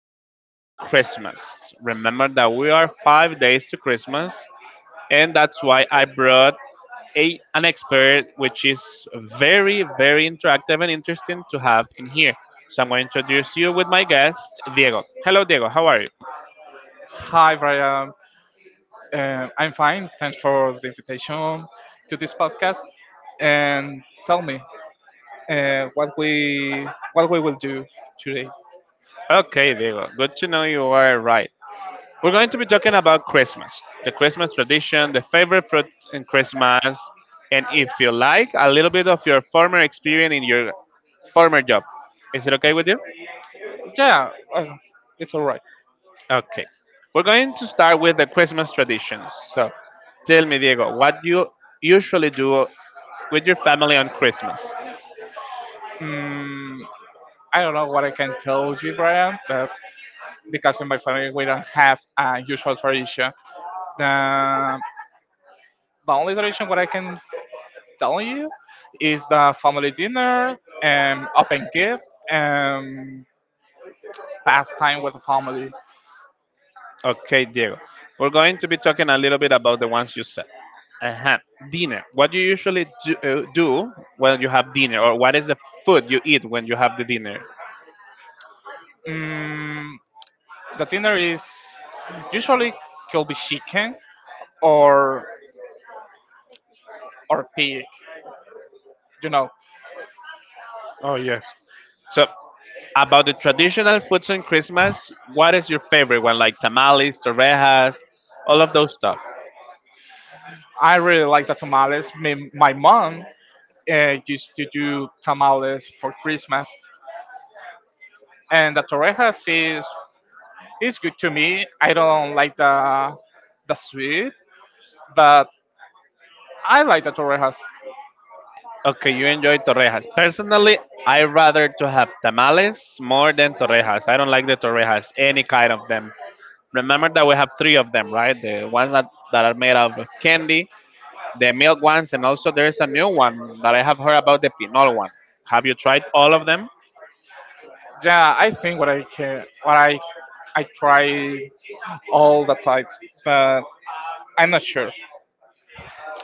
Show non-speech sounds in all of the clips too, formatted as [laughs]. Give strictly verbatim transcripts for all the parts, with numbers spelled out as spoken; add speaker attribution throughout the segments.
Speaker 1: talking about Christmas. Remember that we are five days to Christmas, and that's why I brought a, an expert, which is very, very interactive and interesting to have in here. So I'm going to introduce you with my guest, Diego. Hello, Diego. How are you?
Speaker 2: Hi, Brian. Um, I'm fine. Thanks for the invitation to this podcast. And tell me uh, what we what we will do today.
Speaker 1: Okay, Diego. Good to know you are right. We're going to be talking about Christmas, the Christmas tradition, the favorite fruits in Christmas, and if you like, a little bit of your former experience in your former job. Is it okay with you?
Speaker 2: Yeah, uh, it's all right.
Speaker 1: Okay. We're going to start with the Christmas traditions. So tell me, Diego, what do you usually do with your family on Christmas?
Speaker 2: Mm, I don't know what I can tell you, Brian, but because in my family we don't have a usual tradition, the, the only tradition what I can tell you is the family dinner, um, open gift, and pastime with the family.
Speaker 1: Okay, Diego. We're going to be talking a little bit about the ones you said. Uh-huh. Dinner. What do you usually do, uh, do when you have dinner, or what is the food you eat when you have the dinner?
Speaker 2: Mm, the dinner is usually could be chicken or or pig. You know,
Speaker 1: Oh yes. So about the traditional foods on Christmas, what is your favorite one? Like tamales, torrejas, all of those stuff.
Speaker 2: I really like the tamales. My, my mom uh, used to do tamales for Christmas, and the torrejas is is good to me. I don't like the the sweet, but I like the torrejas.
Speaker 1: Okay, you enjoy torrejas. Personally, I rather to have tamales more than torrejas. I don't like the torrejas, any kind of them. Remember that we have three of them, right? The ones that, that are made of candy, the milk ones, and also there's a new one that I have heard about the pinol one. Have you tried all of them?
Speaker 2: Yeah, I think what I can what I I try all the types, but I'm not sure.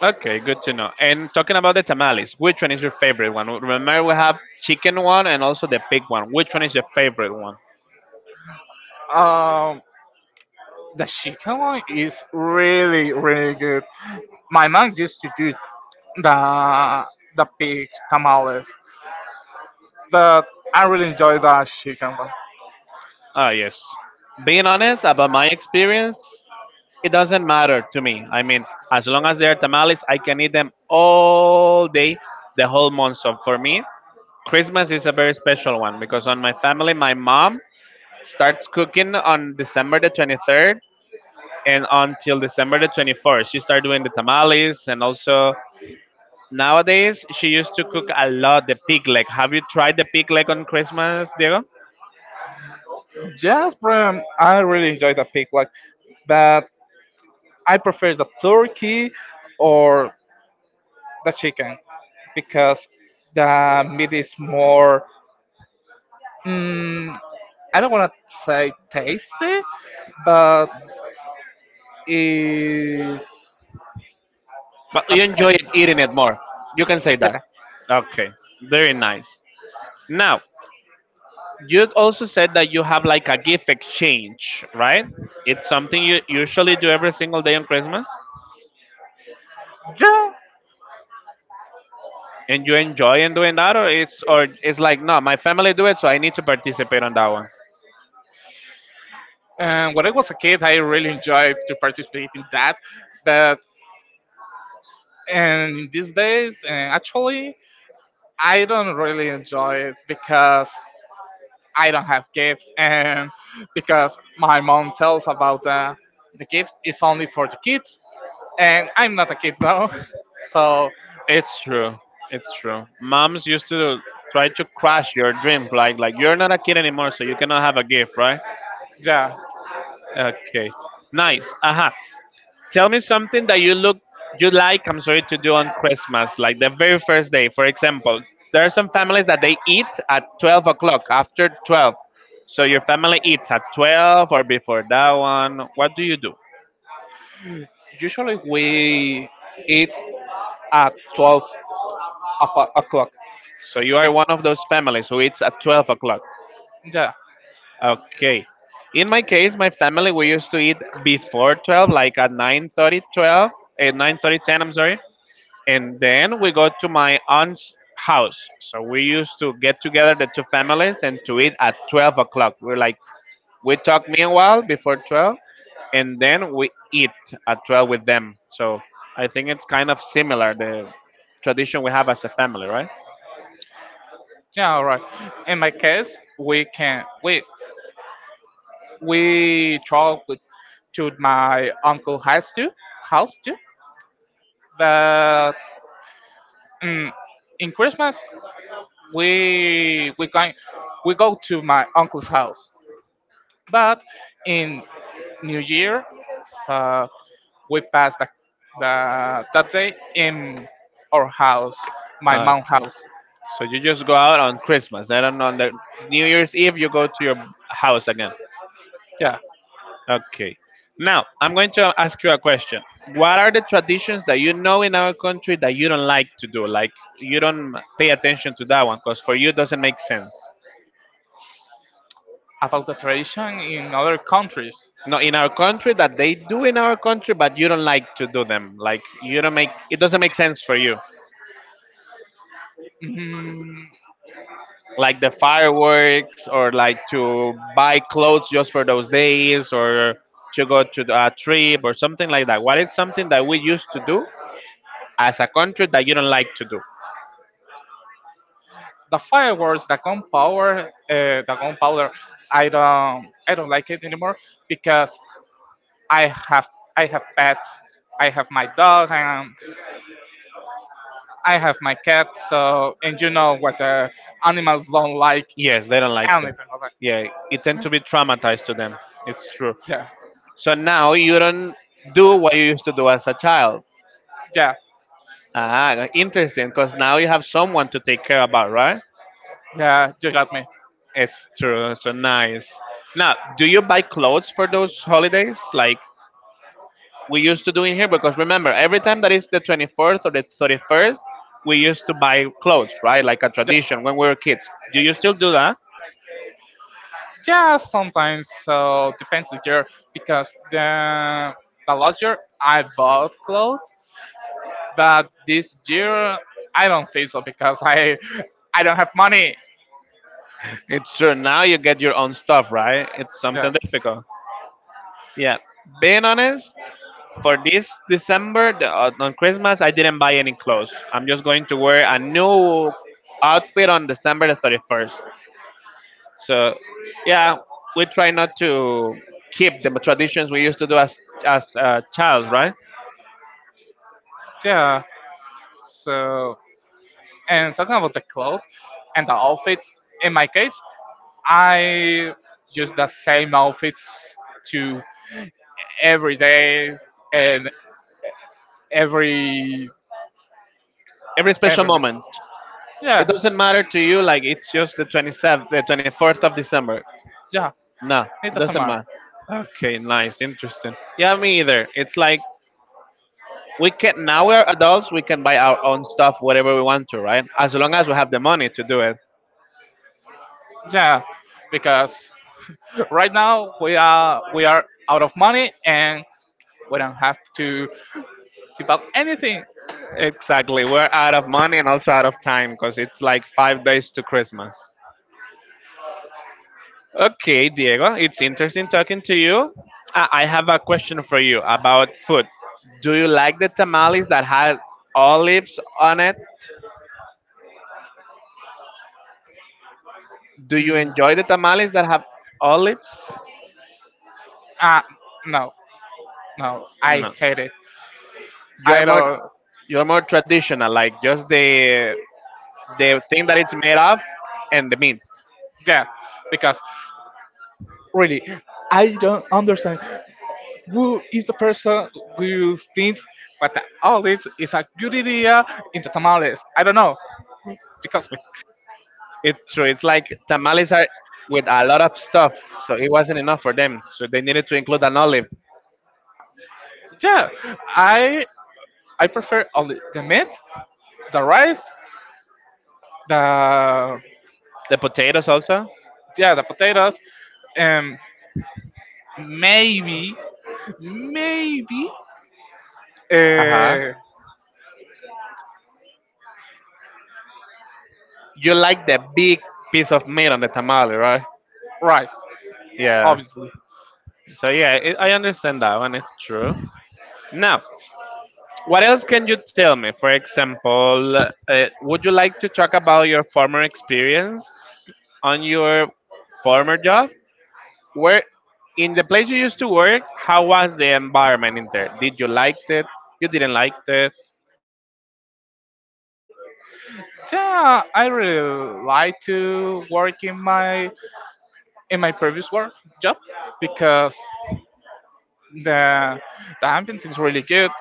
Speaker 1: Okay, good to know. And talking about the tamales, which one is your favorite one? Remember, we have chicken one and also the pig one. Which one is your favorite one?
Speaker 2: Um, The chicken one is really, really good. My mom used to do the the pig tamales, but I really enjoy the chicken one.
Speaker 1: Ah, yes. Being honest about my experience, it doesn't matter to me. I mean, as long as they are tamales, I can eat them all day, the whole month. So for me, Christmas is a very special one because on my family, my mom starts cooking on December the twenty-third and until December the twenty-fourth. She started doing the tamales and also nowadays she used to cook a lot the pig leg. Have you tried the pig leg on Christmas, Diego?
Speaker 2: Yes, bro, I really enjoy the pig leg, but I prefer the turkey or the chicken because the meat is more. Mm, I don't want to say tasty, but is
Speaker 1: But
Speaker 2: but
Speaker 1: you enjoy it,
Speaker 2: tasty.
Speaker 1: eating it more. You can say that.
Speaker 2: Yeah,
Speaker 1: Okay, very nice. Now, you also said that you have like a gift exchange, right? It's something you usually do every single day on Christmas.
Speaker 2: yeah.
Speaker 1: And you enjoy in doing that, or it's or it's like no, my family do it, so I need to participate on that one.
Speaker 2: And when I was a kid, I really enjoyed to participate in that. But and in these days, and actually, I don't really enjoy it because I don't have gifts, and because my mom tells about the the gifts is only for the kids, and I'm not a kid now, [laughs] so
Speaker 1: It's true. It's true. Moms used to try to crush your dreams, like like you're not a kid anymore, so you cannot have a gift, right?
Speaker 2: yeah.
Speaker 1: Okay. Nice. Aha. Tell me something that you look you like, I'm sorry, to do on Christmas, like the very first day. For example, there are some families that they eat at twelve o'clock, after twelve. So your family eats at twelve or before that one. What do you do?
Speaker 2: Usually we eat at twelve o'po- o'clock.
Speaker 1: So you are one of those families who eats at twelve o'clock.
Speaker 2: Yeah,
Speaker 1: Okay. In my case, my family we used to eat before twelve, like at nine thirty, twelve, at nine thirty, ten, I'm sorry. And then we go to my aunt's house. So we used to get together the two families and to eat at twelve o'clock. We're like we talk meanwhile before twelve, and then we eat at twelve with them. So I think it's kind of similar the tradition we have as a family, right?
Speaker 2: yeah, all right. In my case, we can we we traveled to my uncle house too. House too. But mm, in Christmas we we going we go to my uncle's house. But in New Year, so we pass the, the that day in our house, my mom house.
Speaker 1: So you just go out on Christmas. Then on on the New Year's Eve, you go to your house again.
Speaker 2: Yeah,
Speaker 1: Okay. Now, I'm going to ask you a question. What are the traditions that you know in our country that you don't like to do? Like, you don't pay attention to that one because for you it doesn't make sense.
Speaker 2: about the tradition in other countries.
Speaker 1: No, in our country that they do in our country, but you don't like to do them. Like, you don't make it doesn't make sense for you.
Speaker 2: Mm,
Speaker 1: Like the fireworks or like to buy clothes just for those days or to go to a trip or something like that. What is something that we used to do as a country that you don't like to do?
Speaker 2: the fireworks, the gunpowder, uh, the gunpowder. I don't, I don't like it anymore because I have, I have pets. I have my dog and I have my cat. So, and you know what uh, animals don't like
Speaker 1: Yes, they don't like it.
Speaker 2: anything of that.
Speaker 1: Yeah, it tend to be traumatized to them. It's true.
Speaker 2: Yeah,
Speaker 1: So now you don't do what you used to do as a child.
Speaker 2: yeah,
Speaker 1: Ah, interesting, because now you have someone to take care about, right?
Speaker 2: yeah. You got me.
Speaker 1: It's true. So nice. Now, do you buy clothes for those holidays like we used to do in here? Because remember, every time that is the twenty-fourth or the thirty-first we used to buy clothes, right? Like a
Speaker 2: Yeah,
Speaker 1: tradition when we were kids. Do you still do that?
Speaker 2: yeah sometimes. So depends the year because the the last year I bought clothes. But this year, I don't think so because I I don't have money.
Speaker 1: It's true. Now you get your own stuff, right? It's
Speaker 2: Yeah,
Speaker 1: something difficult. Yeah, being honest, for this december the, uh, on christmas I didn't buy any clothes. I'm just going to wear a new outfit on december the thirty-first. So yeah, we try not to keep the traditions we used to do as as a child, right?
Speaker 2: yeah. So and talking about the clothes and the outfits, in my case, I use the same outfits to every day and every
Speaker 1: Every special
Speaker 2: every month.
Speaker 1: moment. It
Speaker 2: Yeah,
Speaker 1: doesn't matter to you, like it's just the twenty-seventh, the twenty-fourth of December.
Speaker 2: yeah.
Speaker 1: No,
Speaker 2: It
Speaker 1: it
Speaker 2: doesn't
Speaker 1: doesn't
Speaker 2: matter.
Speaker 1: matter. Okay, nice, interesting. Yeah, me either. It's like we can now we're adults. We can buy our own stuff, whatever we want to, right? As long as we have the money to do it.
Speaker 2: Yeah, because right now we are we are out of money and we don't have to tip out anything.
Speaker 1: Exactly. We're out of money and also out of time because it's like five days to Christmas. Okay, Diego, it's interesting talking to you. I I have a question for you about food. Do you like the tamales that have olives on it? Do you
Speaker 2: Mm,
Speaker 1: enjoy the tamales that have olives?
Speaker 2: uh, no, no, I
Speaker 1: No.
Speaker 2: hate it.
Speaker 1: You are
Speaker 2: I
Speaker 1: more
Speaker 2: don't.
Speaker 1: you're more traditional, like just the the thing that it's made of and the meat.
Speaker 2: Yeah, because really, I don't understand who is the person who thinks that the olive is a good idea in the tamales. I don't know, because
Speaker 1: It's true. It's like tamales are with a lot of stuff, so it wasn't enough for them. So they needed to include an olive.
Speaker 2: yeah, I I prefer only the meat, the rice, the
Speaker 1: The potatoes also.
Speaker 2: yeah, the potatoes, and maybe maybe
Speaker 1: Uh huh.
Speaker 2: uh,
Speaker 1: You like the big piece of meat on the tamale, right?
Speaker 2: right.
Speaker 1: Yeah.
Speaker 2: Obviously.
Speaker 1: So yeah, it, I understand that one. It's true. Now, what else can you tell me? For example, uh, would you like to talk about your former experience on your former job? Where in the place you used to work, how was the environment in there? Did you like it? You didn't like it?
Speaker 2: Yeah, I really like to work in my in my previous work job because the the ambience is really good,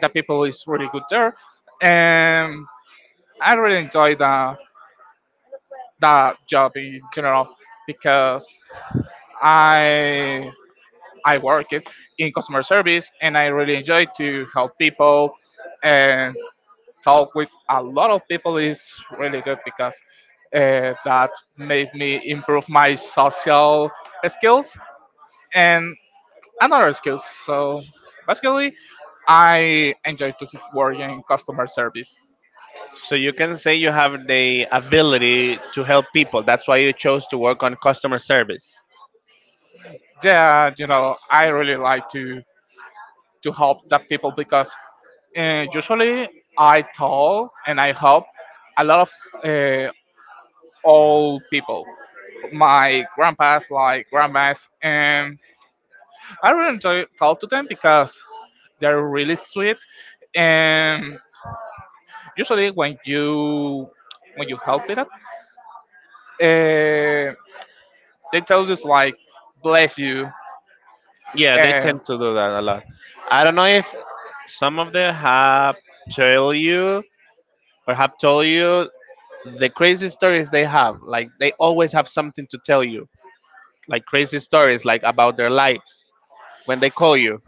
Speaker 2: the people is really good there, and I really enjoy the that job in general because I I work it in customer service and I really enjoy to help people and talk with a lot of people is really good because uh, that made me improve my social skills and another skills. So basically, I enjoy to work in customer service.
Speaker 1: So you can say you have the ability to help people. That's why you chose to work on customer service.
Speaker 2: Yeah, you know, I really like to to help the people because uh, usually I talk and I help a lot of uh, old people, my grandpas, like grandmas, and I really enjoy talk to them because they're really sweet, and usually when you when you help it up, uh, they tell you like bless you,
Speaker 1: Yeah, they
Speaker 2: and
Speaker 1: tend to do that a lot. I don't know if some of them have tell you or have told you the crazy stories they have. Like they always have something to tell you, like crazy stories, like about their lives when they call you.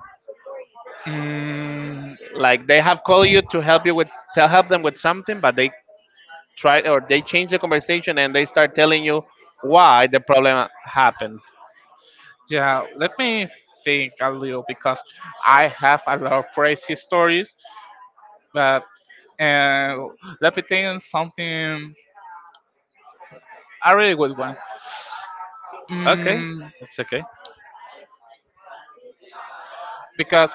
Speaker 2: mm,
Speaker 1: Like they have called you to help you with to help them with something, but they try or they change the conversation and they start telling you why the problem happened.
Speaker 2: yeah, let me think a little because I have a lot of crazy stories, but and let me think something a really good one.
Speaker 1: Okay,
Speaker 2: Mm,
Speaker 1: it's okay.
Speaker 2: because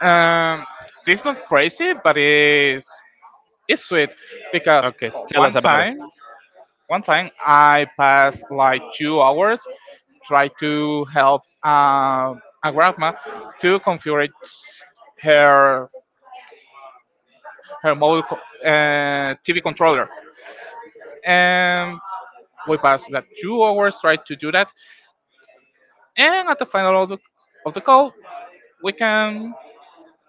Speaker 2: um, this not crazy, but it's It's sweet because
Speaker 1: Okay, tell
Speaker 2: one
Speaker 1: us about it.
Speaker 2: time, one time I passed like two hours trying to help uh, a grandma to configure her her mobile co- uh, T V controller, and we passed that two hours trying to do that. And at the final of the, of the call, we can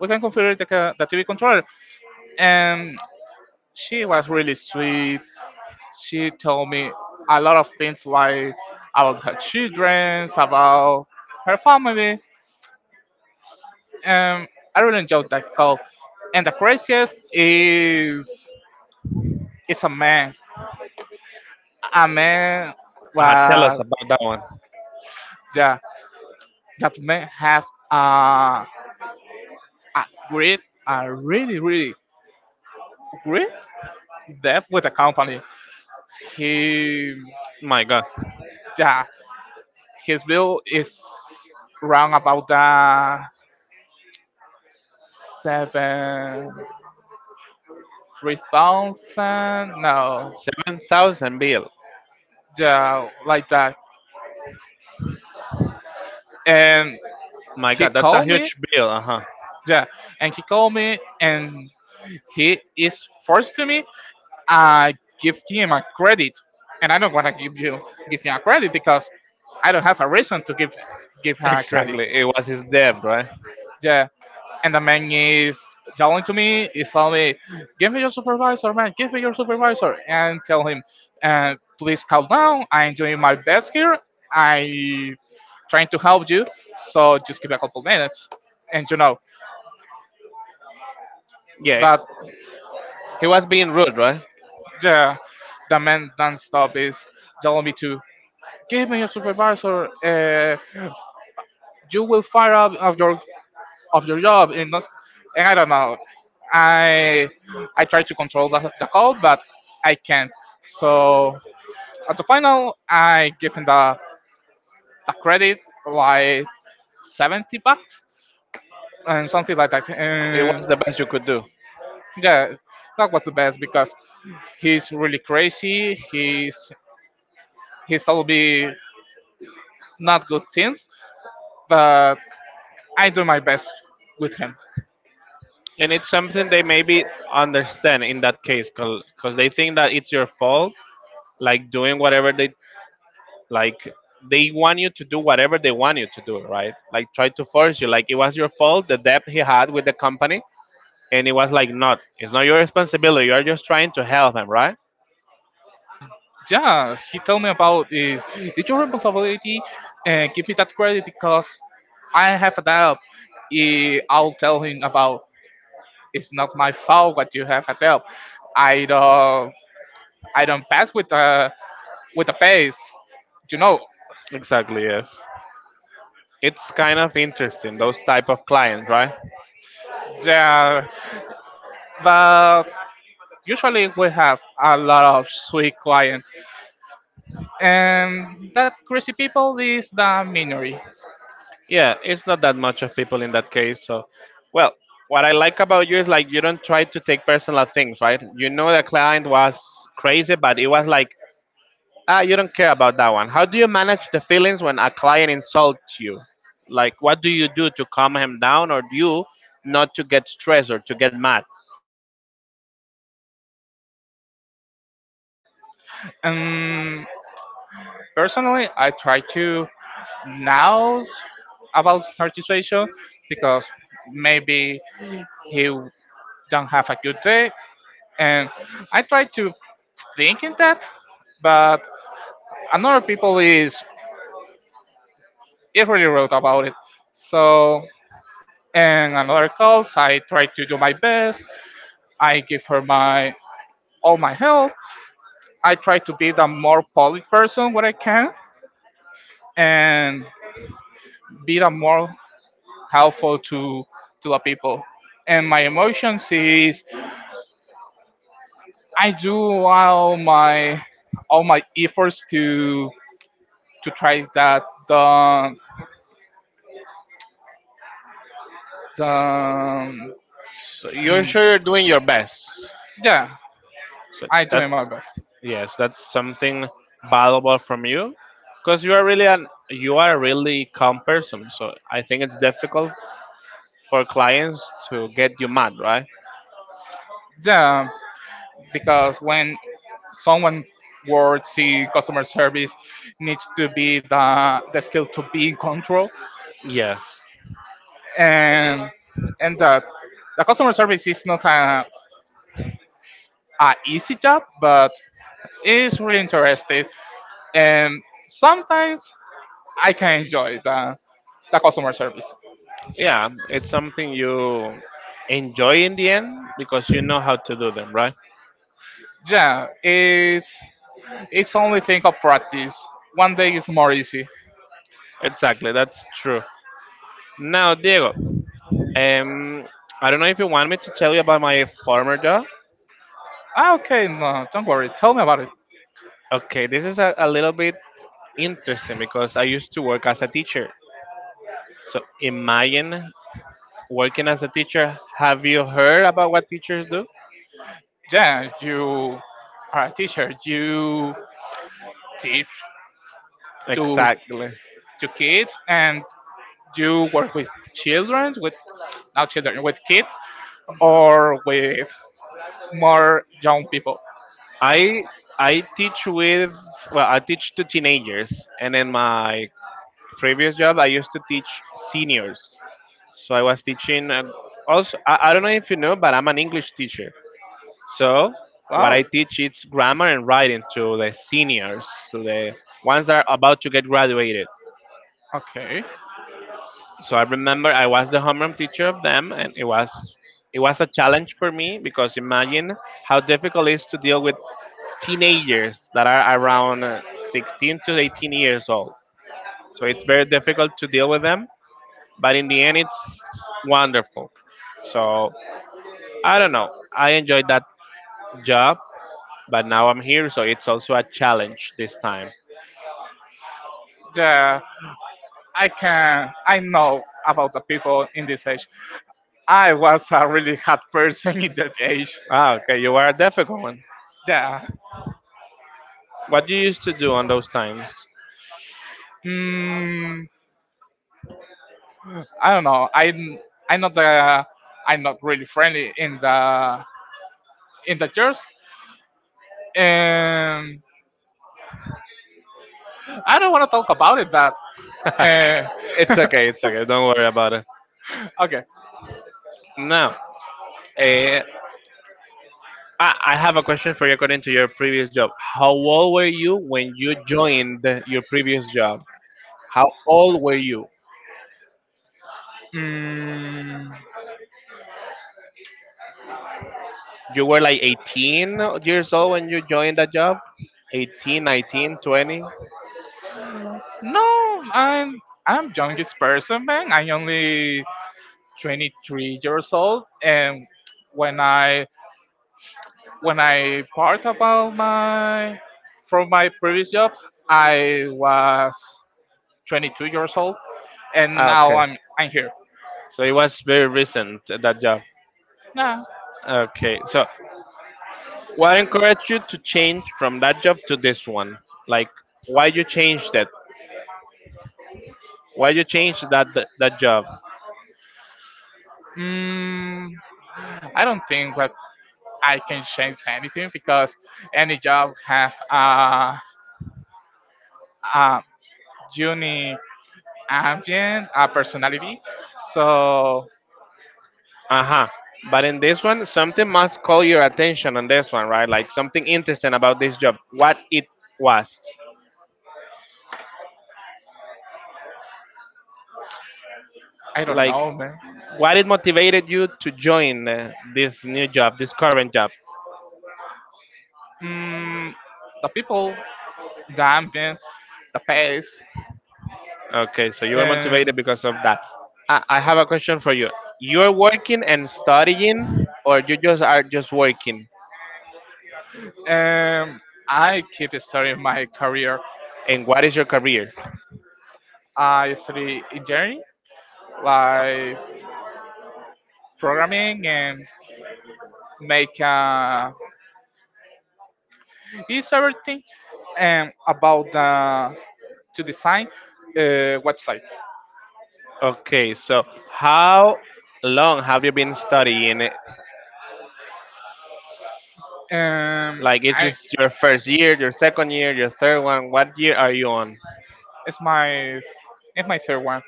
Speaker 2: we can configure the, ca- the T V controller, and she was really sweet. She told me a lot of things like about her children, about her family, and I really enjoyed that call. And the craziest is is a man. A man
Speaker 1: Uh, tell us
Speaker 2: was
Speaker 1: about that one.
Speaker 2: Yeah, that man have uh, a great, a really, really great debt with the company. He
Speaker 1: My God.
Speaker 2: Yeah, his bill is around about the seven three thousand. No,
Speaker 1: Seven thousand bill.
Speaker 2: yeah, like that. And
Speaker 1: My
Speaker 2: he
Speaker 1: God, that's a
Speaker 2: called me.
Speaker 1: huge bill. Uh huh. [laughs]
Speaker 2: Yeah, and he called me, and he is forced to me. I give him a credit, and I don't want to give you give him a credit because I don't have a reason to give give her a credit.
Speaker 1: Exactly. It was his debt, right?
Speaker 2: Yeah. And the man is telling to me, he's telling me, give me your supervisor, man, give me your supervisor. And tell him, uh, please calm down. I'm doing my best here. I trying to help you. So just give me a couple minutes. And you know,
Speaker 1: Yeah.
Speaker 2: but
Speaker 1: He was being rude, right?
Speaker 2: the, the man non-stop is telling me to give me your supervisor. Uh, you will fire up of your of your job and not, and I don't know. I I try to control the, the call, but I can't. So at the final, I give him the, the credit like seventy bucks and something like that.
Speaker 1: It was
Speaker 2: And
Speaker 1: the best you could do,
Speaker 2: yeah, that was the best because he's really crazy. He's he's told me not good things, but I do my best with him.
Speaker 1: and it's something they maybe understand in that case, because they think that it's your fault, like doing whatever they like. They want you to do whatever they want you to do, right? Like try to force you. Like it was your fault, the debt he had with the company, and it was like not. It's not your responsibility. You are just trying to help him, right?
Speaker 2: Yeah, he told me about is it's your responsibility and give me that credit because I have a doubt. Eh, I'll tell him about it's not my fault what you have a doubt. I don't I don't pass with the with the pace, you know.
Speaker 1: Exactly. Yes. It's kind of interesting those type of clients, right?
Speaker 2: Yeah, but usually we have a lot of sweet clients, and that crazy people is the minority.
Speaker 1: Yeah, it's not that much of people in that case. So, well, what I like about you is like you don't try to take personal things, right? You know the client was crazy, but it was like ah, you don't care about that one. How do you manage the feelings when a client insults you? Like, what do you do to calm him down, or you not to get stressed or to get mad?
Speaker 2: Um, Personally, I try to know about her situation because maybe he don't have a good day, and I try to think in that, but another people is it really wrote about it. So and another calls, I try to do my best. I give her my all my help. I try to be the more polite person what I can and be the more helpful to to the people. And my emotions is I do all my all my efforts to to try that the the
Speaker 1: So you're
Speaker 2: mm,
Speaker 1: sure you're doing your best.
Speaker 2: yeah,
Speaker 1: So
Speaker 2: I doing
Speaker 1: that's.
Speaker 2: my best.
Speaker 1: Yes, that's something valuable from you because you are really an you are a really calm person. So I think it's difficult for clients to get you mad, right?
Speaker 2: Yeah, because when someone works in customer service needs to be the the skill to be in control
Speaker 1: Yes.
Speaker 2: and and that the customer service is not a, a easy job but it's really interesting, and sometimes I can enjoy the the customer service.
Speaker 1: Yeah, it's something you enjoy in the end because you know how to do them, right?
Speaker 2: Yeah, it's it's only thing of practice. One day it's more easy.
Speaker 1: Exactly, that's true. Now, Diego, um, I don't know if you want me to tell you about my former job.
Speaker 2: Ah, okay, no, don't worry. Tell me about it.
Speaker 1: Okay, this is a, a little bit interesting because I used to work as a teacher. So imagine working as a teacher, have you heard about what teachers do?
Speaker 2: Yeah, you are a teacher. You teach to
Speaker 1: Exactly.
Speaker 2: to kids, and you work with children, with not children, with kids, or with more young people.
Speaker 1: I I teach with well, I teach to teenagers, and in my previous job, I used to teach seniors. So I was teaching. Uh, also, I, I don't know if you know, but I'm an English teacher. So what
Speaker 2: Wow.
Speaker 1: I teach is grammar and writing to the seniors, to the ones that are about to get graduated.
Speaker 2: Okay.
Speaker 1: So I remember I was the homeroom teacher of them, and it was it was a challenge for me because imagine how difficult it is to deal with teenagers that are around uh, sixteen to eighteen years old. So it's very difficult to deal with them, but in the end, it's wonderful. So I don't know. I enjoyed that job, but now I'm here, so it's also a challenge this time.
Speaker 2: Yeah, I can. I know about the people in this age. I was a really hot person [laughs] in that age.
Speaker 1: Ah, okay, you are a difficult one.
Speaker 2: Yeah.
Speaker 1: What you used to do on those times?
Speaker 2: Mm, I don't know. I I'm not the. I'm not really friendly in the in the church, and I don't want to talk about it. That. Uh,
Speaker 1: [laughs] It's okay, it's okay. Don't worry about it.
Speaker 2: [laughs] okay.
Speaker 1: No. Uh, I, I have a question for you according to your previous job. How old were you when you joined your previous job? How old were you?
Speaker 2: Mm,
Speaker 1: You were like eighteen years old when you joined that job? Eighteen, nineteen, twenty.
Speaker 2: No, I'm I'm youngest person, man. I only twenty-three years old, and when I when I part about my from my previous job, I was twenty-two years old, and
Speaker 1: Ah,
Speaker 2: now
Speaker 1: okay.
Speaker 2: I'm I'm here.
Speaker 1: So it was very recent, that job.
Speaker 2: Nah,
Speaker 1: Okay. So what encouraged you to change from that job to this one? Like, why you changed it? Why you changed that, that, that job?
Speaker 2: mm, I don't think that I can change anything because any job have a a unique ambient, a personality, so.
Speaker 1: Uh-huh. But in this one, something must call your attention on this one, right? Like something interesting about this job. What it was.
Speaker 2: I don't
Speaker 1: Like
Speaker 2: know, man.
Speaker 1: what it motivated you to join uh, this new job, this current job.
Speaker 2: Mm, the people, the ambient, the pace,
Speaker 1: Okay, so you were motivated
Speaker 2: and
Speaker 1: because of that. I, I have a question for you. You're working and studying or you just are just working?
Speaker 2: and I keep studying my career.
Speaker 1: And what is your career?
Speaker 2: I study engineering, like programming, and make uh, is everything, and about the to design uh, website.
Speaker 1: Okay, so how long have you been studying?
Speaker 2: Um,
Speaker 1: Like, is
Speaker 2: I
Speaker 1: this your first year, your second year, your third one? What year are you on?
Speaker 2: it's my it's my third one.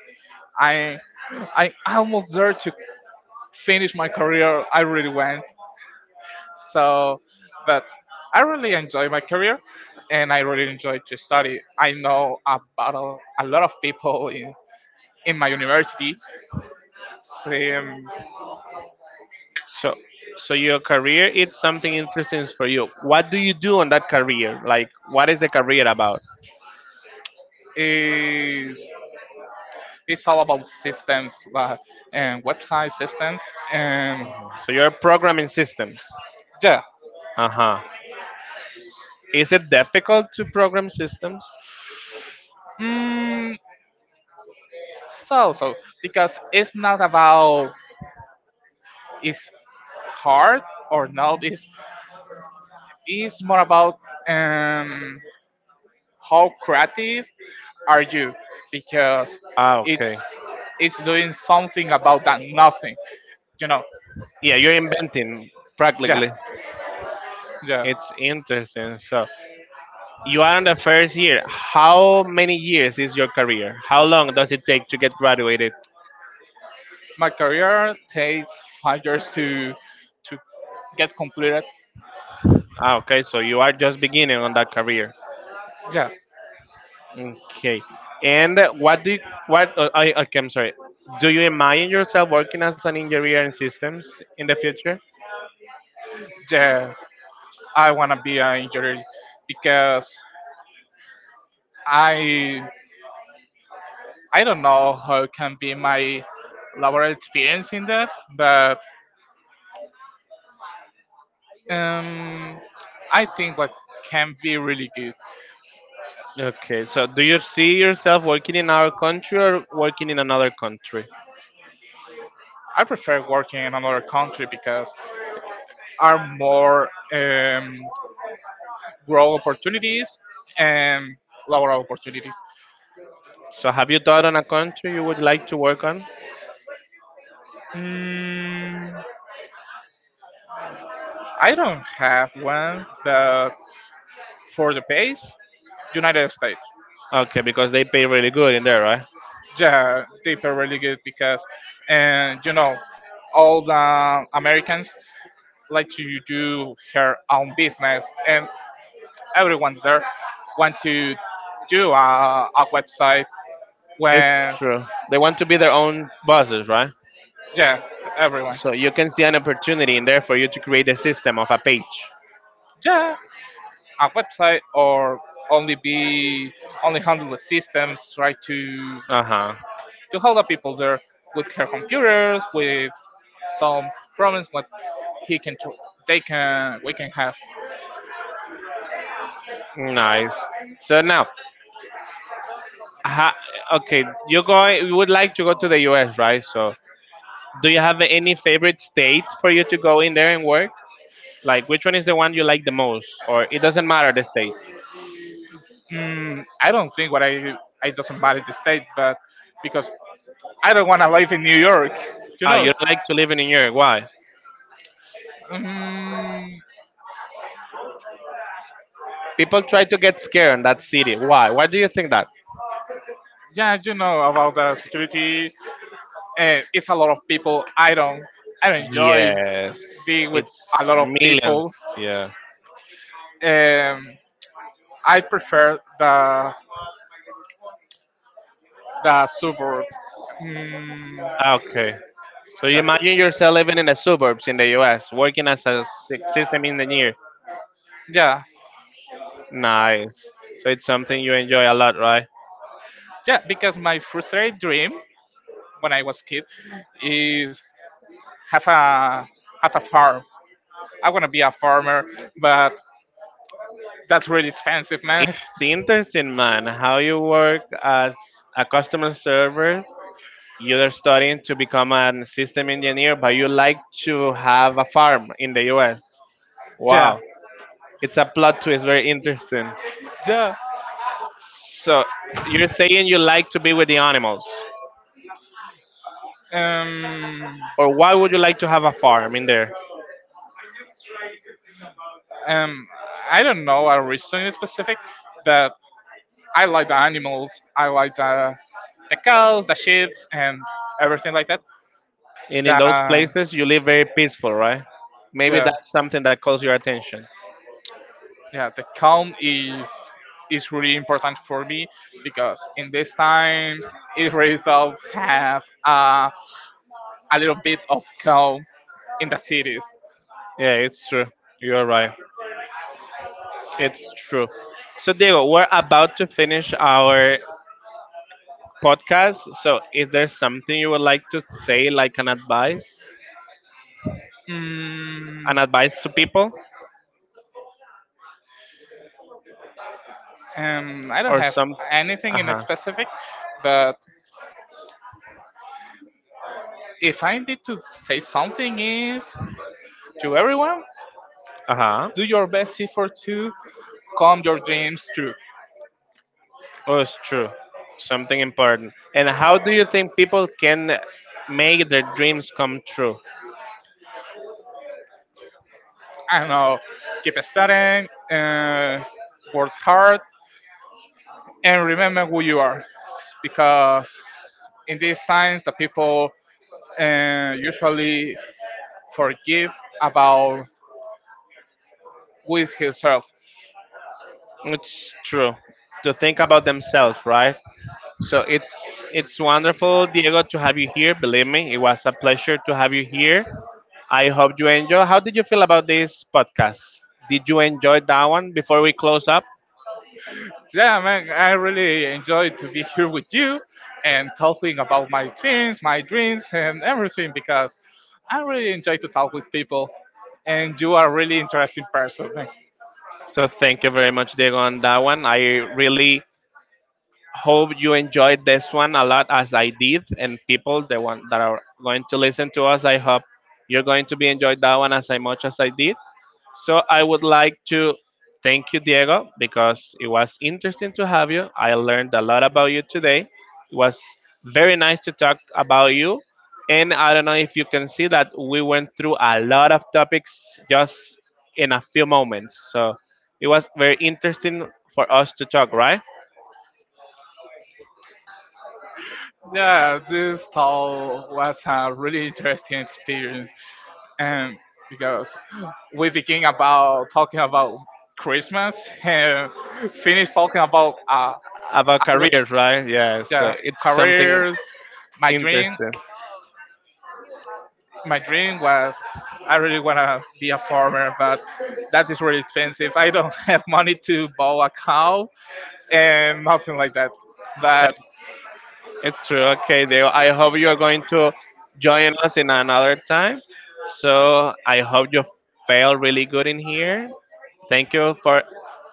Speaker 2: I I almost there to finish my career. I really went. So, but I really enjoy my career, and I really enjoy to study. I know about a, a lot of people in in my university. Sim,
Speaker 1: So, so your career is something interesting for you. What do you do on that career? Like, what is the career about?
Speaker 2: is it's all about systems like, and website systems and
Speaker 1: So you're programming systems.
Speaker 2: yeah.
Speaker 1: Uh huh. Is it difficult to program systems?
Speaker 2: Mm, so so because it's not about it's hard or not. It's it's more about um how creative are you because
Speaker 1: Ah,
Speaker 2: it's
Speaker 1: okay.
Speaker 2: it's doing something about that nothing you know
Speaker 1: Yeah, you're inventing
Speaker 2: yeah,
Speaker 1: practically.
Speaker 2: yeah.
Speaker 1: It's interesting. So you are on the first year. How many years is your career? How long does it take to get graduated?
Speaker 2: My career takes five years to to get completed.
Speaker 1: Ah, okay. So you are just beginning on that career.
Speaker 2: Yeah,
Speaker 1: Okay. And what do you, what uh, I okay, I'm sorry. Do you imagine yourself working as an engineer in systems in the future?
Speaker 2: yeah, I want to be an engineer because i i don't know how can be my laboral experience in that, but um I think what can be really good.
Speaker 1: Okay. So do you see yourself working in our country or working in another country?
Speaker 2: I prefer working in another country because are more um, growth opportunities and lower opportunities.
Speaker 1: So have you thought on a country you would like to work on?
Speaker 2: Mm, I don't have one, but for the pace, United States.
Speaker 1: Okay, because they pay really good in there, right?
Speaker 2: Yeah, they pay really good because, and you know, all the Americans like to do her own business, and everyone's there want to do a, a website
Speaker 1: It's
Speaker 2: when
Speaker 1: true. They want to be their own bosses, right?
Speaker 2: yeah, everyone.
Speaker 1: So you can see an opportunity in there for you to create a system of a page.
Speaker 2: Yeah, a website or only be only handle the systems, right? to
Speaker 1: Uh huh.
Speaker 2: to help the people there with her computers with some problems what he can tr- they can we can have.
Speaker 1: Nice. So now, ha, okay, you going? You would like to go to the U S, right? So, do you have any favorite state for you to go in there and work? Like, which one is the one you like the most, or it doesn't matter the state?
Speaker 2: mm, I don't think what i i doesn't matter the state, but because I don't want to live in New york you
Speaker 1: Ah, you
Speaker 2: know
Speaker 1: don't like to live in New York. Why?
Speaker 2: mm,
Speaker 1: People try to get scared in that city. Why? Why do you think that?
Speaker 2: yeah, you know about the security, uh, it's a lot of people. I don't i don't enjoy
Speaker 1: Yes,
Speaker 2: being with a
Speaker 1: it's
Speaker 2: lot of
Speaker 1: millions.
Speaker 2: people.
Speaker 1: Yeah.
Speaker 2: Um, I prefer the the suburb. Mm,
Speaker 1: Ah, okay. So you
Speaker 2: yeah,
Speaker 1: imagine yourself living in the suburbs in the U S, working as a sy- system engineer.
Speaker 2: yeah,
Speaker 1: Nice. So it's something you enjoy a lot, right?
Speaker 2: yeah. Because my frustrated dream when I was kid is have a have a farm. I wanna be a farmer, but that's really expensive, man.
Speaker 1: It's interesting, man, how you work as a customer server. You're studying to become a system engineer, but you like to have a farm in the U S.
Speaker 2: [laughs] yeah,
Speaker 1: Wow. It's a plot twist, very interesting.
Speaker 2: yeah.
Speaker 1: So, you're saying you like to be with the animals,
Speaker 2: Um,
Speaker 1: or why would you like to have a farm in there?
Speaker 2: um, I don't know a reason in specific, but I like the animals. I like the the cows, the sheep, and everything like that.
Speaker 1: And in
Speaker 2: The
Speaker 1: those places, you live very peaceful, right? Maybe
Speaker 2: yeah
Speaker 1: that's something that calls your attention.
Speaker 2: yeah, the calm is is really important for me because in these times it really help have a, a little bit of calm in the cities.
Speaker 1: Yeah, it's true. You're right. It's true. So, Diego, we're about to finish our podcast. So, is there something you would like to say, like an advice,
Speaker 2: mm,
Speaker 1: an advice to people,
Speaker 2: um, I don't
Speaker 1: or
Speaker 2: have
Speaker 1: some?
Speaker 2: anything
Speaker 1: Uh
Speaker 2: in
Speaker 1: huh.
Speaker 2: specific, but if I need to say something is to everyone,
Speaker 1: Uh huh.
Speaker 2: do your best effort to come your dreams true.
Speaker 1: Oh, it's true. Something important. And how do you think people can make their dreams come true?
Speaker 2: I don't know, keep studying, uh, work hard and remember who you are because in these times the people uh, usually forgive about with himself.
Speaker 1: It's true. To think about themselves, right? So it's it's wonderful, Diego, to have you here. Believe me, it was a pleasure to have you here. I hope you enjoy. How did you feel about this podcast? Did you enjoy that one before we close up?
Speaker 2: Yeah, man, I really enjoyed to be here with you and talking about my dreams my dreams and everything because I really enjoy to talk with people and you are a really interesting person, man.
Speaker 1: So thank you very much, Diego, on that one. I really hope you enjoyed this one a lot as I did, and people the one that are going to listen to us, I hope you're going to be enjoyed that one as I much as I did. So I would like to thank you, Diego, because it was interesting to have you. I learned a lot about you today. It was very nice to talk about you. And I don't know if you can see that we went through a lot of topics just in a few moments. So it was very interesting for us to talk, right?
Speaker 2: Yeah, this talk was a really interesting experience, and because we began about talking about Christmas and finished talking about uh, I
Speaker 1: About
Speaker 2: would-
Speaker 1: careers, right? Yeah. So
Speaker 2: the
Speaker 1: it's something
Speaker 2: careers. My dream,
Speaker 1: interesting.
Speaker 2: my dream was I really wanna be a farmer, but that is really expensive. I don't [laughs] have money to buy a cow and nothing like that. But
Speaker 1: It's true. Okay, Diego. I hope you are going to join us in another time. So I hope you feel really good in here. Thank you for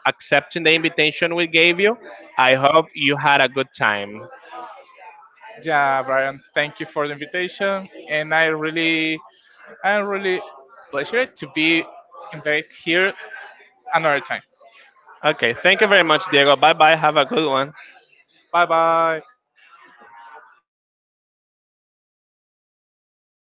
Speaker 1: accepting the invitation we gave you. I hope you had a good time.
Speaker 2: yeah, Brian, thank you for the invitation, and I really and really pleasure to be invited here another time.
Speaker 1: Okay, thank you very much, Diego. Bye bye. Have a good one.
Speaker 2: Bye bye.